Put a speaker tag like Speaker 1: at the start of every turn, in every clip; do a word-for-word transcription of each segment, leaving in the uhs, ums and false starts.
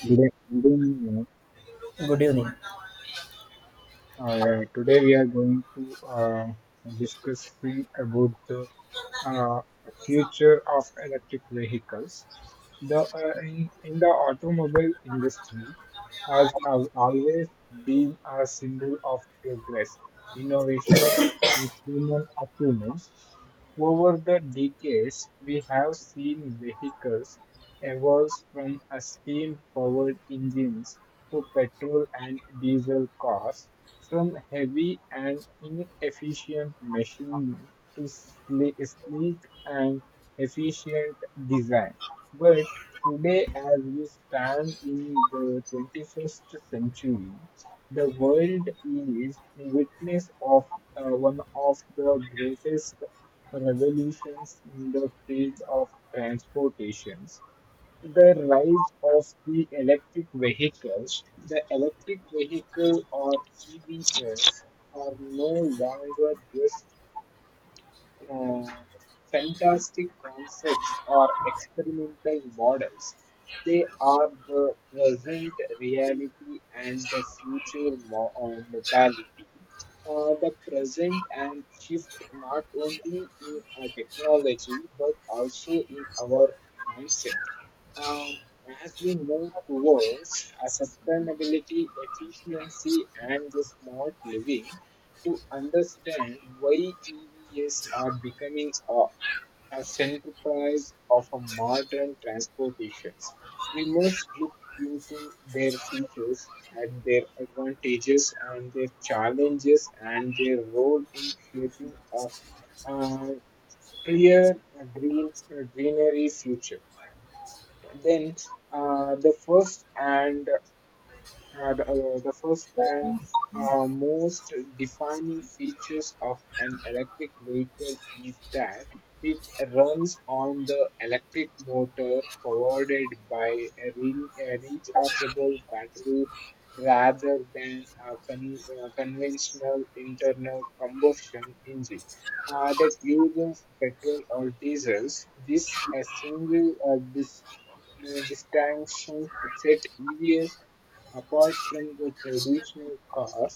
Speaker 1: 근데, 근데,
Speaker 2: Good evening.
Speaker 1: Uh, yeah, today we are going to uh, discuss free about the uh, future of electric vehicles. The uh, in, in the automobile industry has al- always been a symbol of progress, innovations, and human achievements. Over the decades, we have seen vehicles evolve from a steam-powered engines to petrol and diesel cars, from heavy and inefficient machinery to sle- sleek and efficient design. But today, as we stand in the twenty-first century, the world is witness of uh, one of the greatest revolutions in the field of transportations, the rise of the electric vehicles. The electric vehicle or E Vs are no longer just uh, fantastic concepts or experimental models. They are the present reality and the future mo- uh, mobility. Uh, the present and shift not only in our technology but also in our mindset. Um, as we move towards a sustainability, efficiency, and the smart living, to understand why E Vs are becoming a, a centerpiece of a modern transportations. We must look into their features and their advantages and their challenges and their role in shaping a, a clear uh, green uh, greenery future. Then uh, the first and uh, the, uh, the first and uh, most defining features of an electric vehicle is that it runs on the electric motor provided by a, re- a rechargeable battery rather than a con- uh, conventional internal combustion engine. Uh, that uses petrol or diesels. This a single uh, this uh, distinction set E Vs apart from the traditional cars,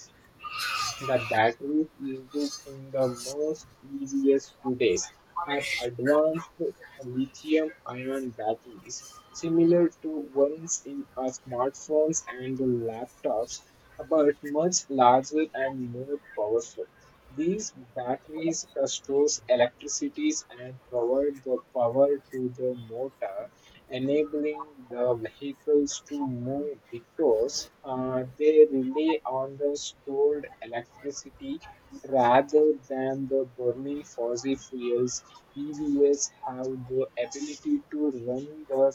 Speaker 1: the batteries used in the most E Vs today are advanced lithium-ion batteries, similar to ones in our smartphones and laptops, but much larger and more powerful. These batteries uh, stores electricity and provide the power to the motor, enabling the vehicles to move because uh, they rely on the stored electricity rather than the burning fossil fuels. E Vs have the ability to run the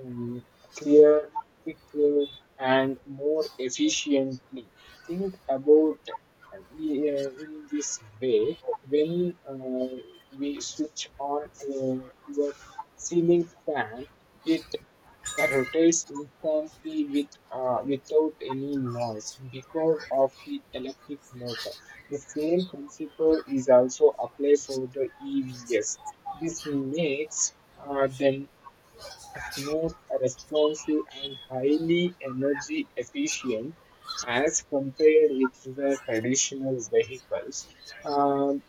Speaker 1: um, clear, quicker, and more efficiently. Think about uh, in this way, when uh, we switch on uh, your ceiling fan, it rotates instantly with, uh, without any noise because of the electric motor. The same principle is also applied for the E Vs. This makes uh, them smooth, responsive, and highly energy efficient as compared with the traditional vehicles. Um,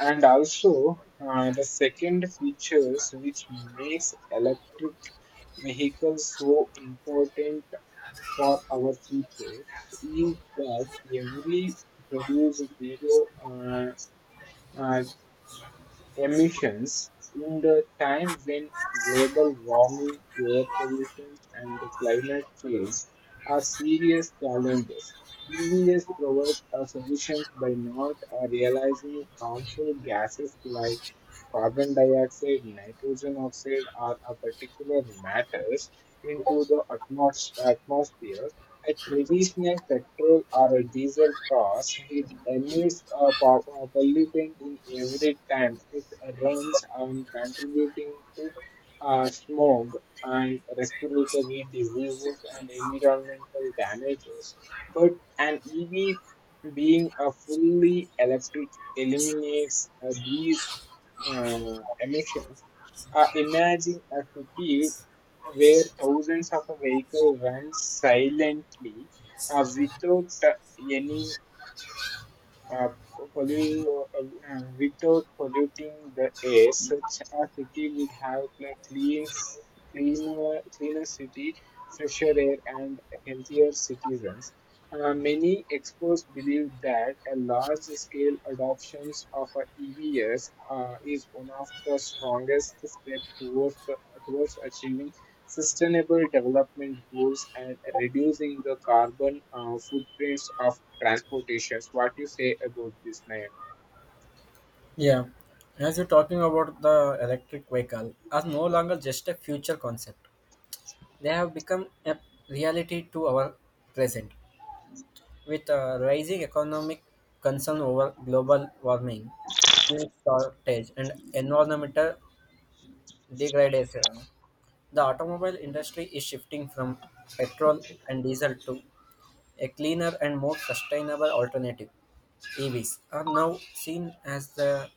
Speaker 1: and also, uh, the second features which makes electric vehicles so important for our future is that every produce zero uh, uh, emissions in the time when global warming, air pollution, and the climate change are serious challenges. E Vs provide a solution by not uh, realizing harmful gases like carbon dioxide, nitrogen oxide, or a particular matters into the atmos- atmosphere. A traditional petrol or a diesel car, it emits a po- a pollutant in every time it runs and contributing to uh, smog and respiratory diseases and environmental damages. But an E V being a fully electric eliminates uh, these uh, emissions. Uh, imagine a city where thousands of vehicles run silently uh, without uh, any uh, pollu- uh, uh, without polluting the air. Such a city would have a clean, s- cleaner, cleaner city, fresher air, and healthier citizens. Uh, many experts believe that a large-scale adoptions of uh, E Vs uh, is one of the strongest steps towards, towards achieving sustainable development goals and reducing the carbon uh, footprints of transportations. What you say about this, Nayan?
Speaker 2: Yeah, as you're talking about the electric vehicle, as no longer just a future concept. They have become a reality to our present. With a rising economic concern over global warming, fuel shortage, and environmental degradation, the automobile industry is shifting from petrol and diesel to a cleaner and more sustainable alternative. E Vs are now seen as the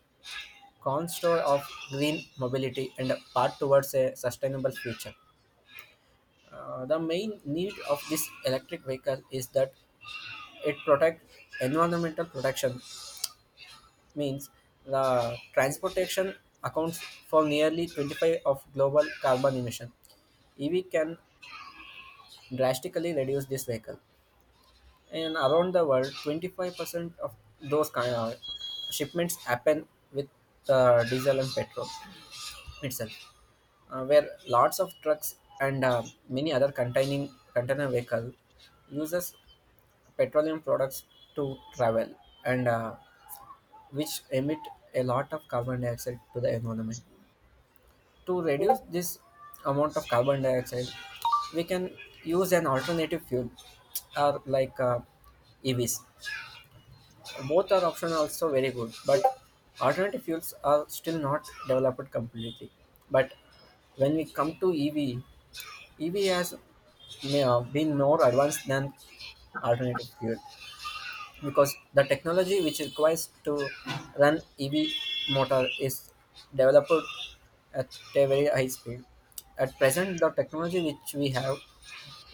Speaker 2: cornerstone of green mobility and a path towards a sustainable future. Uh, the main need of this electric vehicle is that it protect environmental protection means the transportation accounts for nearly twenty-five of global carbon emission. E V can drastically reduce this vehicle. And around the world, twenty-five percent of those kind of shipments happen with uh, diesel and petrol itself. uh, where lots of trucks and uh, many other containing container vehicle uses petroleum products to travel, and uh, which emit a lot of carbon dioxide to the environment. To reduce this amount of carbon dioxide, we can use an alternative fuel or like uh, EVs. Both are option also very good, but alternative fuels are still not developed completely. But when we come to ev E V has may have been more advanced than alternative fuel, because the technology which is requires to run E V motor is developed at a very high speed. At present, the technology which we have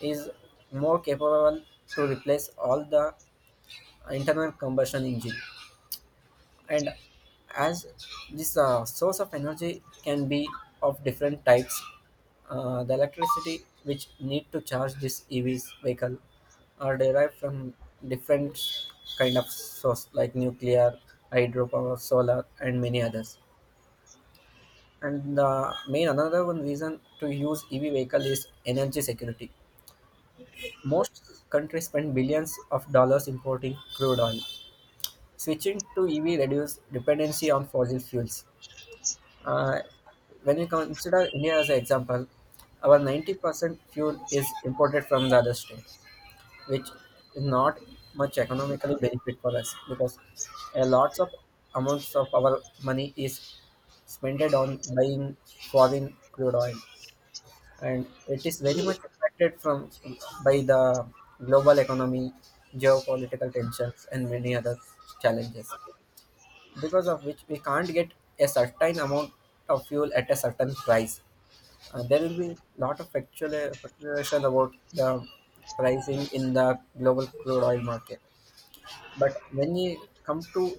Speaker 2: is more capable to replace all the internal combustion engine. And as this uh, source of energy can be of different types, uh, the electricity which need to charge this ev's vehicle are derived from different kind of source like nuclear, hydropower, solar, and many others. And the main another one reason to use ev vehicle is energy security. Most countries spend billions of dollars importing crude oil. Switching to ev reduce dependency on fossil fuels. Uh, when you consider India as an example, our ninety percent fuel is imported from the other states, which is not much economically benefit for us, because a lots of amounts of our money is spent on buying foreign crude oil. And it is very much affected from by the global economy, geopolitical tensions, and many other challenges, because of which we can't get a certain amount of fuel at a certain price. Uh, there will be lot of factual fluctuation about the pricing in the global crude oil market. But when you come to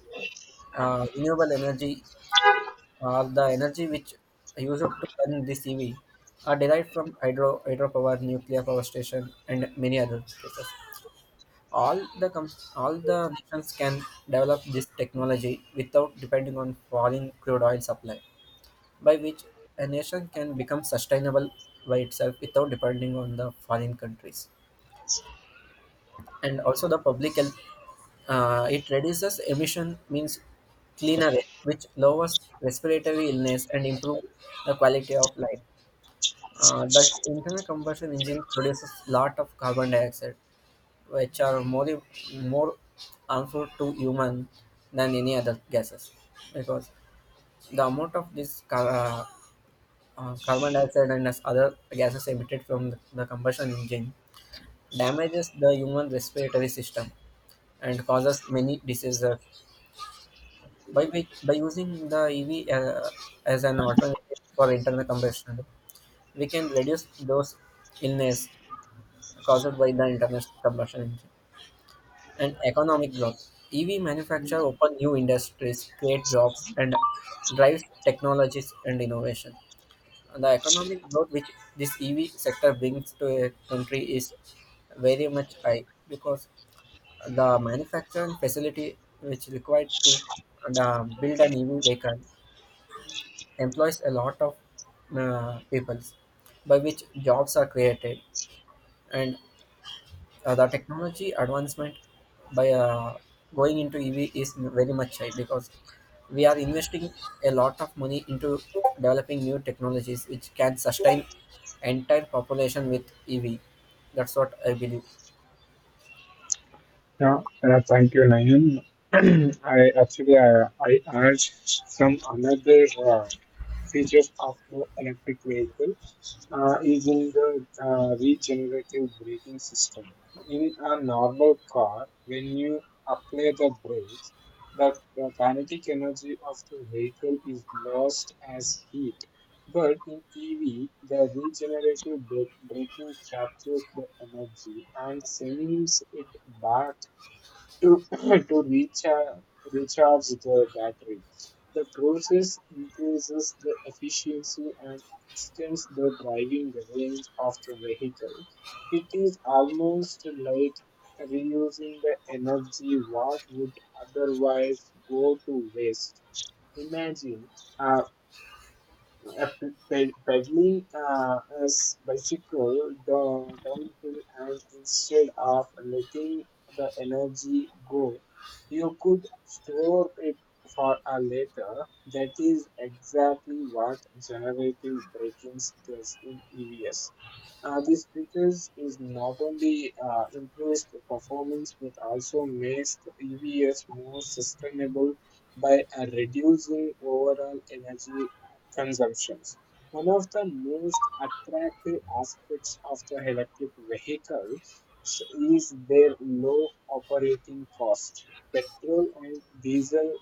Speaker 2: uh, renewable energy, uh, the energy which used to run this E V are derived from hydro hydropower, nuclear power station, and many other places. All the com- all the nations can develop this technology without depending on falling crude oil supply. By which a nation can become sustainable by itself without depending on the foreign countries. And also the public health, uh, it reduces emission means cleaner air, which lowers respiratory illness and improve the quality of life. Uh, the internal combustion engine produces lot of carbon dioxide, which are more more harmful to human than any other gases, because the amount of this ca- uh, uh, carbon dioxide and as other gases emitted from the combustion engine damages the human respiratory system and causes many diseases. By, which, by using the E V uh, as an alternative for internal combustion, we can reduce those illness caused by the internal combustion engine. And economic growth. E V manufacture open new industries, create jobs, and drives technologies and innovation. The economic growth which this E V sector brings to a country is very much high, because the manufacturing facility which required to uh, build an E V vehicle employs a lot of uh, people, by which jobs are created. And uh, the technology advancement by uh, going into E V is very much high, because we are investing a lot of money into developing new technologies which can sustain entire population with E V. That's what I believe.
Speaker 1: Yeah, uh, thank you, Nayan. I actually uh, I urge some another uh, features of the electric vehicle uh, is in the uh, regenerative braking system. In a normal car, when you apply the brakes, the the kinetic energy of the vehicle is lost as heat. But in E V, the regenerative bra- braking captures the energy and sends it back to to recharge recharge the battery. The process increases the efficiency and extends the driving range of the vehicle. It is almost like reusing the energy what would otherwise go to waste. Imagine a after ped- pedaling uh, a bicycle down, downhill, and instead of letting the energy go, you could store it for a later. That is exactly what generative braking does in E Vs. Uh, this features is not only uh, improves the performance but also makes the E Vs more sustainable by uh, reducing overall energy consumptions. One of the most attractive aspects of the electric vehicle is their low operating cost. Petrol and diesel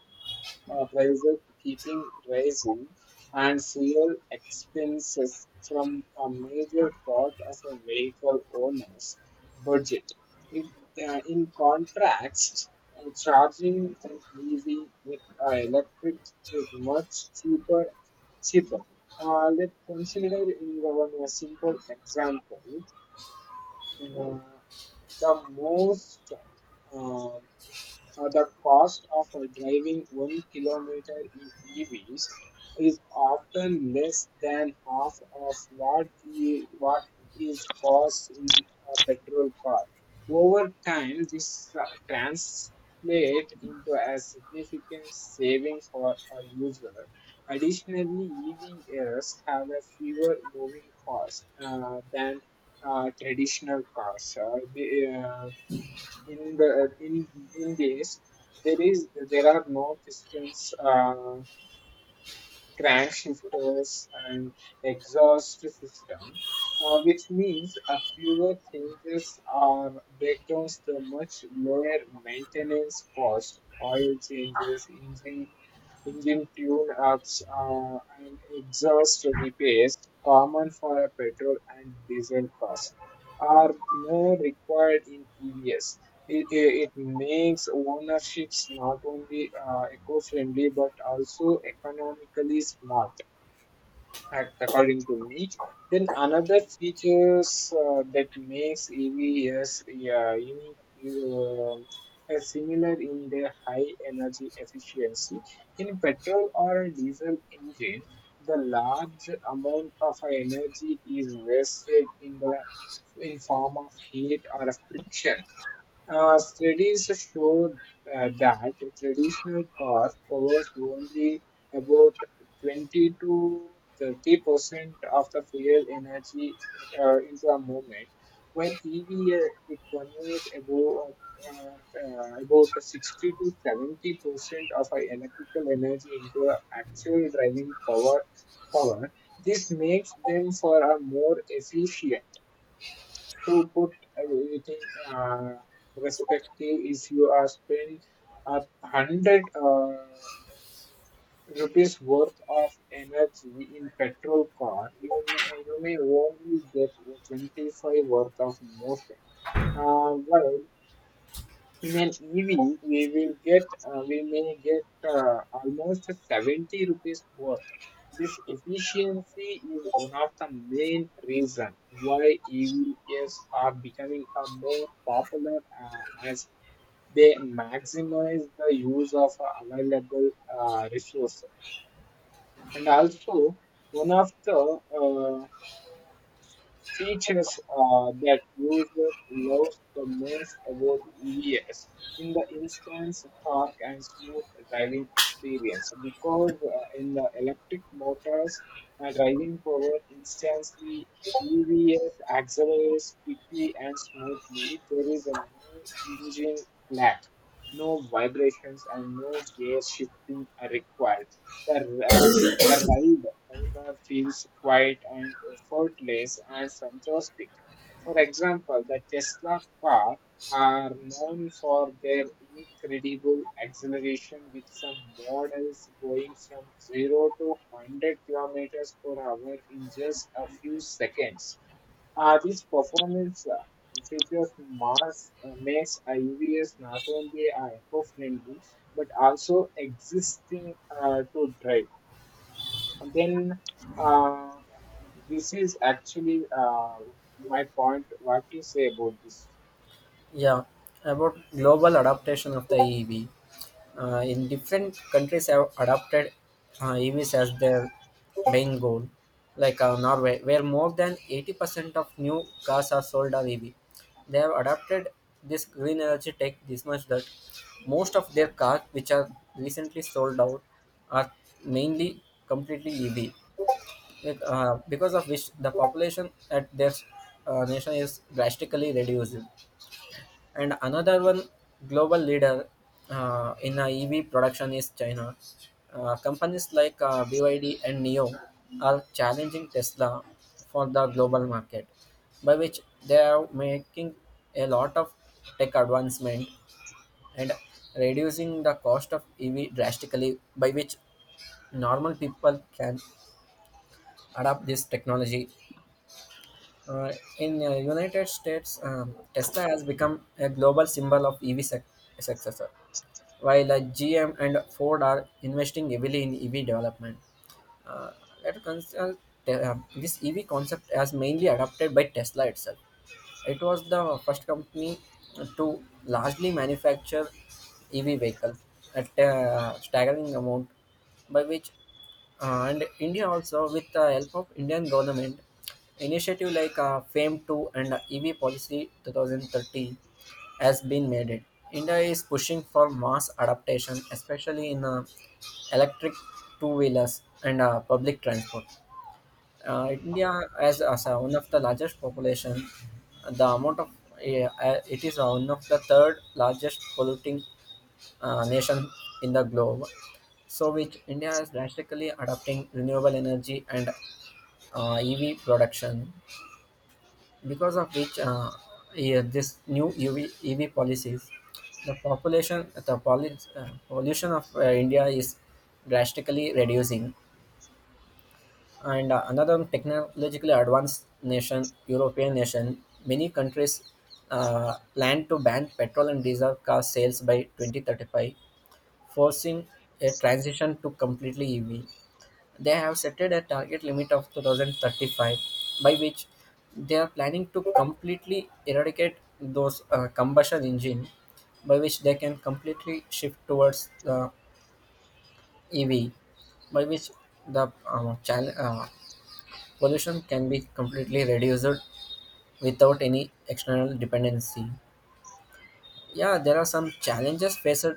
Speaker 1: uh, prices keeping rising, and fuel expenses from a major part of a vehicle owner's budget. If, uh, in contrast, uh, charging an E V with uh, electric is much cheaper. cheaper. Uh, let's consider in one a simple example. Uh, the most uh, uh, the cost of uh, driving one kilometer in E Vs is often less than half of what the, what is cost in a petrol car. Over time, this uh, translates into a significant saving for a user. Additionally, E Vs have a fewer moving parts uh, than uh, traditional cars. Uh, the, uh, in the in in these there is there are no pistons uh, crankshifters and exhaust system uh, which means a fewer changes or breakdowns to much lower maintenance cost, oil changes, engine engine tune ups uh, and exhaust repairs common for a petrol and diesel cars are more required in evs. It, it makes ownerships not only uh, eco-friendly but also economically smart, ac- according to me. Then another features uh, that makes E Vs, yeah, unique, um, uh, are similar in their high energy efficiency. In petrol or diesel engine, the large amount of energy is wasted in the in form of heat or friction. Uh, studies show uh, that traditional cars covers only about twenty to thirty percent of the fuel energy uh, into a movement, while E V uh, it covers about uh, uh, about sixty to seventy percent of our electrical energy into a actual driving power. Power. This makes them for a more efficient. To put it in uh, perspective, if you are spending a hundred uh, rupees worth of energy in petrol car, you may you may only get twenty five worth of motion. Uh, while in an E V, we will get uh, we may get uh, almost seventy rupees worth. This efficiency is one of the main reason why E Vs are becoming uh, more popular uh, as they maximize the use of uh, available uh, resources. And also, one of the uh, features uh, that user loves the most about E Vs in the instance torque and smooth driving experience, because uh, in the electric motors uh, driving power instantly. E Vs accelerates quickly and smoothly. There is a no engine lag, no vibrations, and no gear shifting are required. The uh, arrival feels quiet and effortless and fantastic. For example, the Tesla car are known for their incredible acceleration, with some models going from zero to one hundred kilometers per hour in just a few seconds. Uh, this performance uh, features mass uh, makes I Vs not only eco-friendly but also existing uh, to drive. Then uh, this is actually uh, my point. What you say about this?
Speaker 2: Yeah, about global adaptation of the E V. Uh, in different countries have adopted uh, E Vs as their main goal, like uh, Norway, where more than eighty percent of new cars are sold on E V. They have adopted this green energy tech this much that most of their cars, which are recently sold out, are mainly completely E V. Like, uh, because of which the population at their uh, nation is drastically reduced. And another one global leader uh, in uh, E V production is China. Uh, companies like uh, B Y D and N I O are challenging Tesla for the global market, by which they are making a lot of tech advancement and reducing the cost of E V drastically, by which normal people can adopt this technology. Uh, in uh, United States, um, Tesla has become a global symbol of E V sec- successor, while uh, G M and Ford are investing heavily in E V development. Uh, let us consult uh, this E V concept as mainly adopted by Tesla itself. It was the first company to largely manufacture E V vehicles at a staggering amount, by which uh, and India also, with the help of Indian government initiative like uh, FAME two and uh, E V policy twenty thirty, has been made it. India is pushing for mass adaptation, especially in uh, electric two wheelers and uh, public transport. Uh, India has, as uh, one of the largest population. The amount of uh, uh, it is uh, one of the third largest polluting uh, nation in the globe. So, which India is drastically adopting renewable energy and uh, E V production, because of which uh, yeah, this new U V, E V policies, the population, the poly, uh, pollution of uh, India is drastically reducing. And uh, another technologically advanced nation, European nation, many countries uh, plan to ban petrol and diesel car sales by twenty thirty-five, forcing a transition to completely E V. They have set a target limit of two thousand thirty-five, by which they are planning to completely eradicate those uh, combustion engine, by which they can completely shift towards the E V, by which the uh, chal- uh, pollution can be completely reduced without any external dependency. Yeah, there are some challenges faced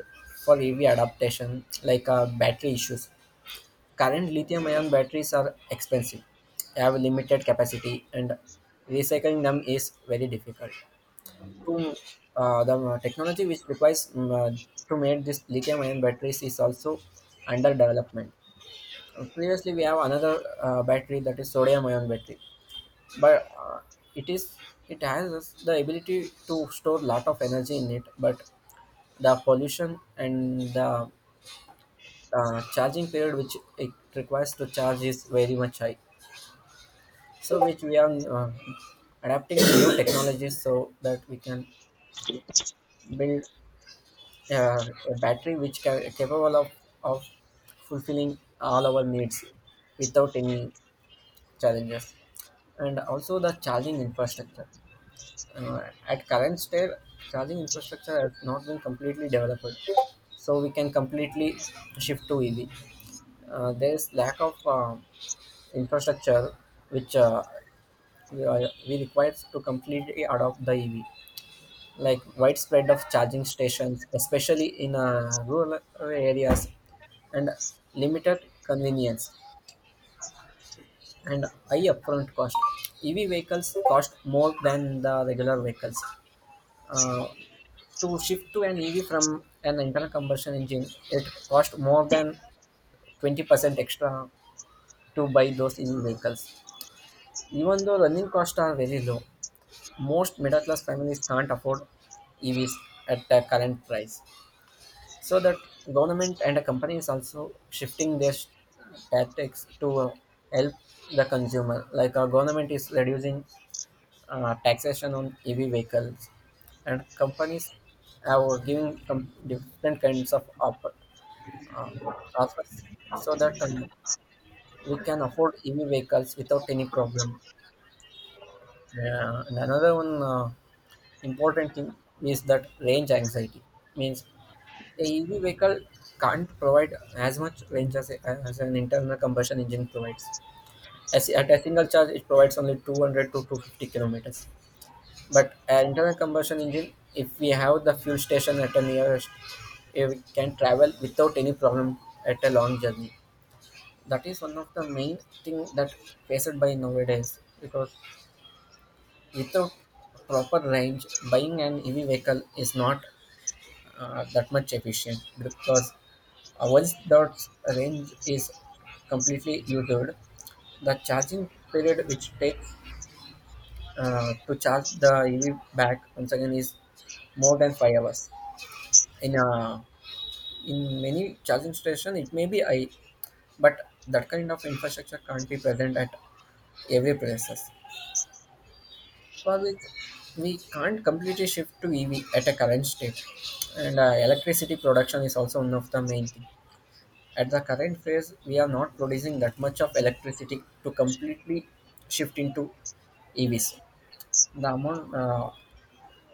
Speaker 2: for E V adaptation, like uh, battery issues. Current lithium ion batteries are expensive, have limited capacity, and recycling them is very difficult. To, uh, the uh, technology which requires mm, uh, to make these lithium ion batteries is also under development. Previously, we have another uh, battery that is sodium ion battery. But uh, it is it has the ability to store lot of energy in it, but the pollution and the uh, charging period which it requires to charge is very much high, so which we are uh, adapting to new technologies so that we can build uh, a battery which can capable of, of fulfilling all our needs without any challenges. And also the charging infrastructure. Uh, at current state, charging infrastructure has not been completely developed, so we can completely shift to E V. Uh, there is lack of uh, infrastructure which uh, we, are, we require to completely adopt the E V, like widespread of charging stations, especially in uh, rural areas, and limited convenience and high upfront cost. E V vehicles cost more than the regular vehicles. Uh, To shift to an E V from an internal combustion engine, it cost more than twenty percent extra to buy those E V vehicles. Even though running costs are very low, most middle class families can't afford E Vs at the current price. So that government and the companies also shifting their s- tactics to uh, help the consumer. Like our government is reducing uh, taxation on E V vehicles, and companies have given com- different kinds of op- uh, offers so that um, we can afford E V vehicles without any problem. Uh, and another one uh, important thing is that range anxiety means the E V vehicle can't provide as much range as, a, as an internal combustion engine provides. As, at a single charge, it provides only two hundred to two hundred fifty kilometers. But an internal combustion engine, if we have the fuel station at the nearest, eh, we can travel without any problem at a long journey. that is one of the main thing that faced by nowadays, because without proper range, buying an ev vehicle is not uh, that much efficient, because uh, once that range is completely used, the charging period which takes uh, to charge the ev back once again is more than five hours in a in many charging station it may be high, but that kind of infrastructure can't be present at every places. Well, we can't completely shift to E V at a current state. And uh, electricity production is also one of the main thing. At the current phase, we are not producing that much of electricity to completely shift into E Vs. The amount uh,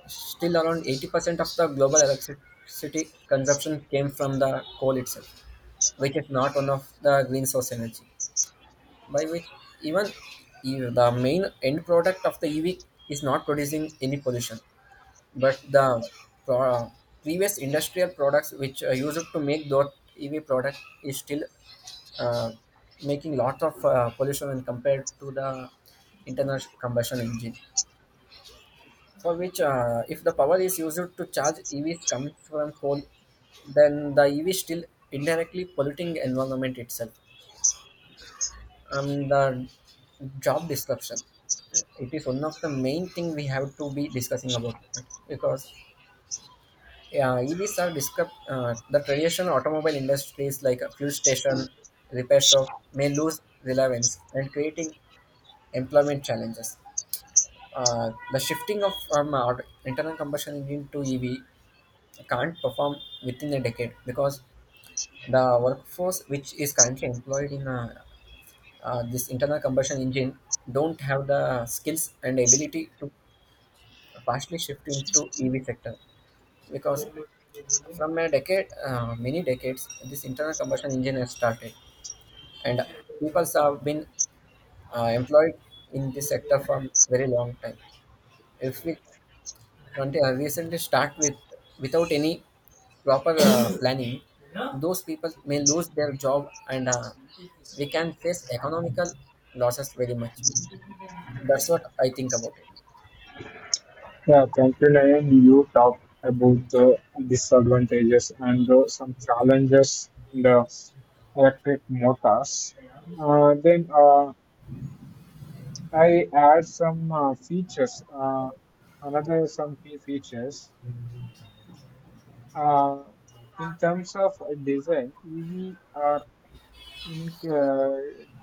Speaker 2: still around eighty percent of the global electricity consumption came from the coal itself, which is not one of the green source energy. By which even e- the main end product of the E V is not producing any pollution, but the pro- uh, previous industrial products which are used to make that E V product is still uh, making lot of uh, pollution when compared to the internal combustion engine. For which, uh, if the power is used to charge E Vs comes from coal, then the E V still indirectly polluting environment itself. And the job disruption, it is one of the main thing we have to be discussing about it, because yeah, E Vs are described. Uh, the traditional automobile industries like a fuel station, repair shop may lose relevance and creating employment challenges. Uh, the shifting of um, our internal combustion engine to E V can't perform within a decade, because the workforce which is currently employed in uh, uh, this internal combustion engine don't have the skills and ability to partially shift into E V sector. because from a decade, uh, many decades, this internal combustion engine has started, and people have been uh, employed in this sector for very long time. If we conti- uh, recently start with without any proper uh, planning, those people may lose their job. And uh, we can face economical losses very much. That's what I think about
Speaker 1: Yeah, thank you, Nayan. You talked about the disadvantages and uh, some challenges in the electric motors. Uh, then uh, I add some uh, features, uh, another some key features. Uh, in terms of design, E V are ink uh,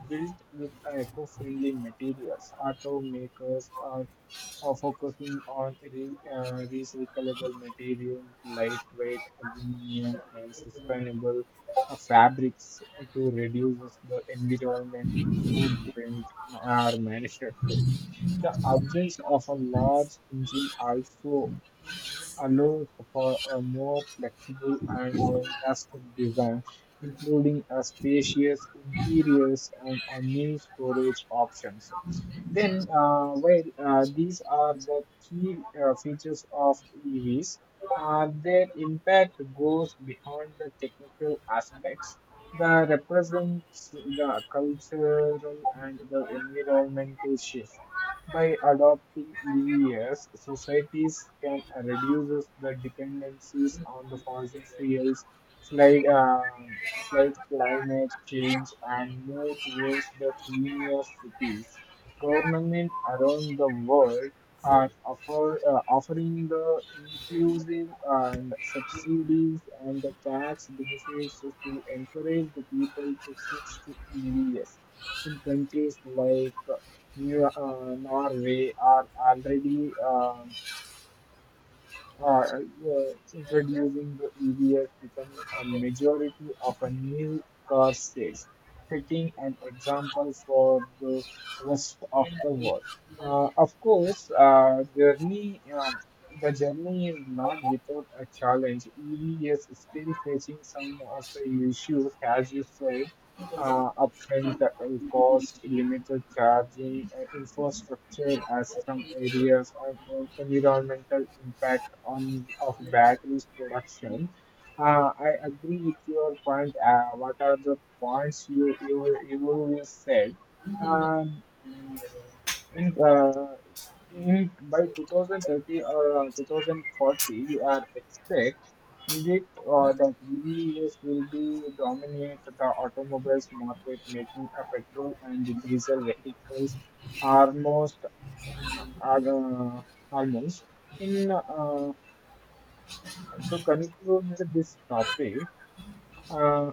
Speaker 1: built with eco-friendly materials. Automakers are, are focusing on re, uh, recyclable materials, lightweight aluminum, and sustainable uh, fabrics to reduce the environment footprint are manufacturing. The absence of a large engine also allows for a more flexible and fantastic design, including a spacious interiors and a new storage options. Then, uh, well, uh, these are the key uh, features of E Vs. Uh, their impact goes beyond the technical aspects, but represents the cultural and the environmental shift. By adopting E Vs, societies can reduce the dependencies on the fossil fuels, slight, uh, slight climate change, and move towards the cleaner cities. Government around the world are offer, uh, offering the inclusive and subsidies and the tax benefits to encourage the people to switch to E Vs. In countries like New uh, Norway are already uh, uh, uh, introducing the E Vs becoming a majority of a new car sales, setting an example for the rest of the world. Uh, of course, uh, journey, um, the journey is not without a challenge. E V is still facing some of the issues, as you said, uh, upfront uh, cost, limited charging, uh, infrastructure as some areas, and uh, environmental impact on of batteries production. Uh, I agree with your point. Uh, what are the points you you you said? Um, in, uh, in by two thousand thirty or twenty forty, you are expect predict uh, that E Vs will be dominate the automobiles market, making a petrol and diesel vehicles almost are uh, almost in uh, So, conclude this topic. Uh,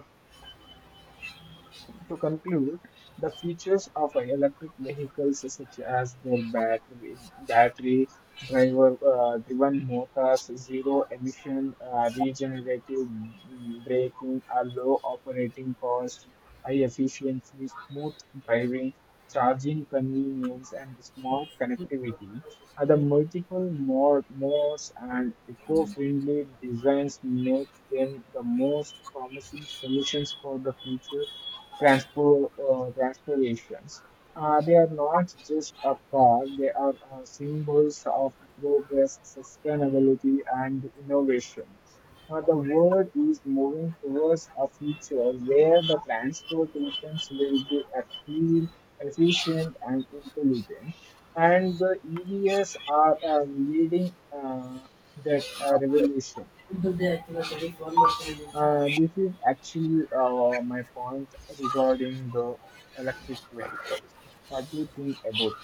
Speaker 1: to conclude, the features of a electric vehicles such as their battery, battery driver uh, driven motors, zero emission, uh, regenerative mm, braking, a low operating cost, high efficiency, smooth driving, charging convenience, and smart connectivity are the multiple mod, modes and eco-friendly designs make them the most promising solutions for the future transpo- uh, transformations. Uh, they are not just a cause, they are uh, symbols of progress, sustainability, and innovation. Uh, the world is moving towards a future where the transportations will be a clean, efficient, and intelligent. And the E Vs are uh, leading uh, that uh, revolution.
Speaker 2: it.
Speaker 1: Uh, this is actually uh, my point regarding the electric vehicles. What do you think about?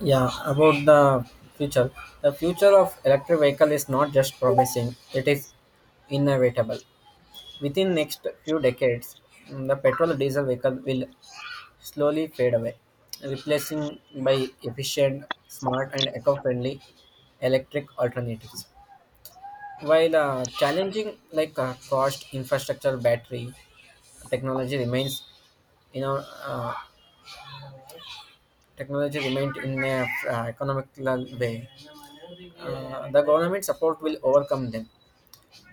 Speaker 2: Yeah, about the future. The future of electric vehicle is not just promising, it is inevitable. Within next few decades, mm, the petrol diesel vehicle will slowly fade away, replacing by efficient, smart and eco-friendly electric alternatives. While uh, challenging like uh, cost, infrastructure, battery technology remains, you know, uh, technology remained in a uh, economical way, uh, the government support will overcome them.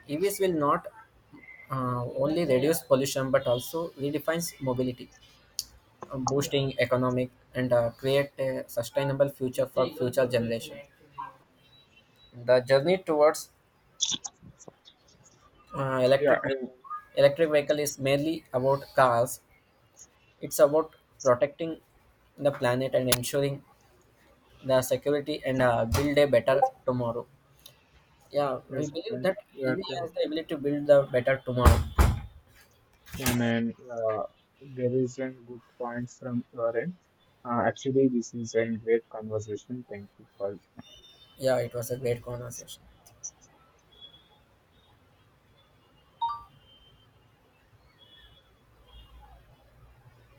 Speaker 2: E Vs will not uh, only reduce pollution but also redefines mobility, uh, boosting economic and uh, create a sustainable future for future generation. The journey towards uh,
Speaker 1: Yeah,
Speaker 2: electric
Speaker 1: uh,
Speaker 2: electric vehicle is merely about cars. It's about protecting the planet and ensuring the security and uh, build a better tomorrow. Yeah, we
Speaker 1: yes.
Speaker 2: believe
Speaker 1: thank-
Speaker 2: that
Speaker 1: yeah,
Speaker 2: E V has
Speaker 1: thank-
Speaker 2: the ability to build the better tomorrow.
Speaker 1: and then uh, There is a good point from your end. Uh, actually, this is a great conversation. Thank you for
Speaker 2: Yeah, it was a great conversation.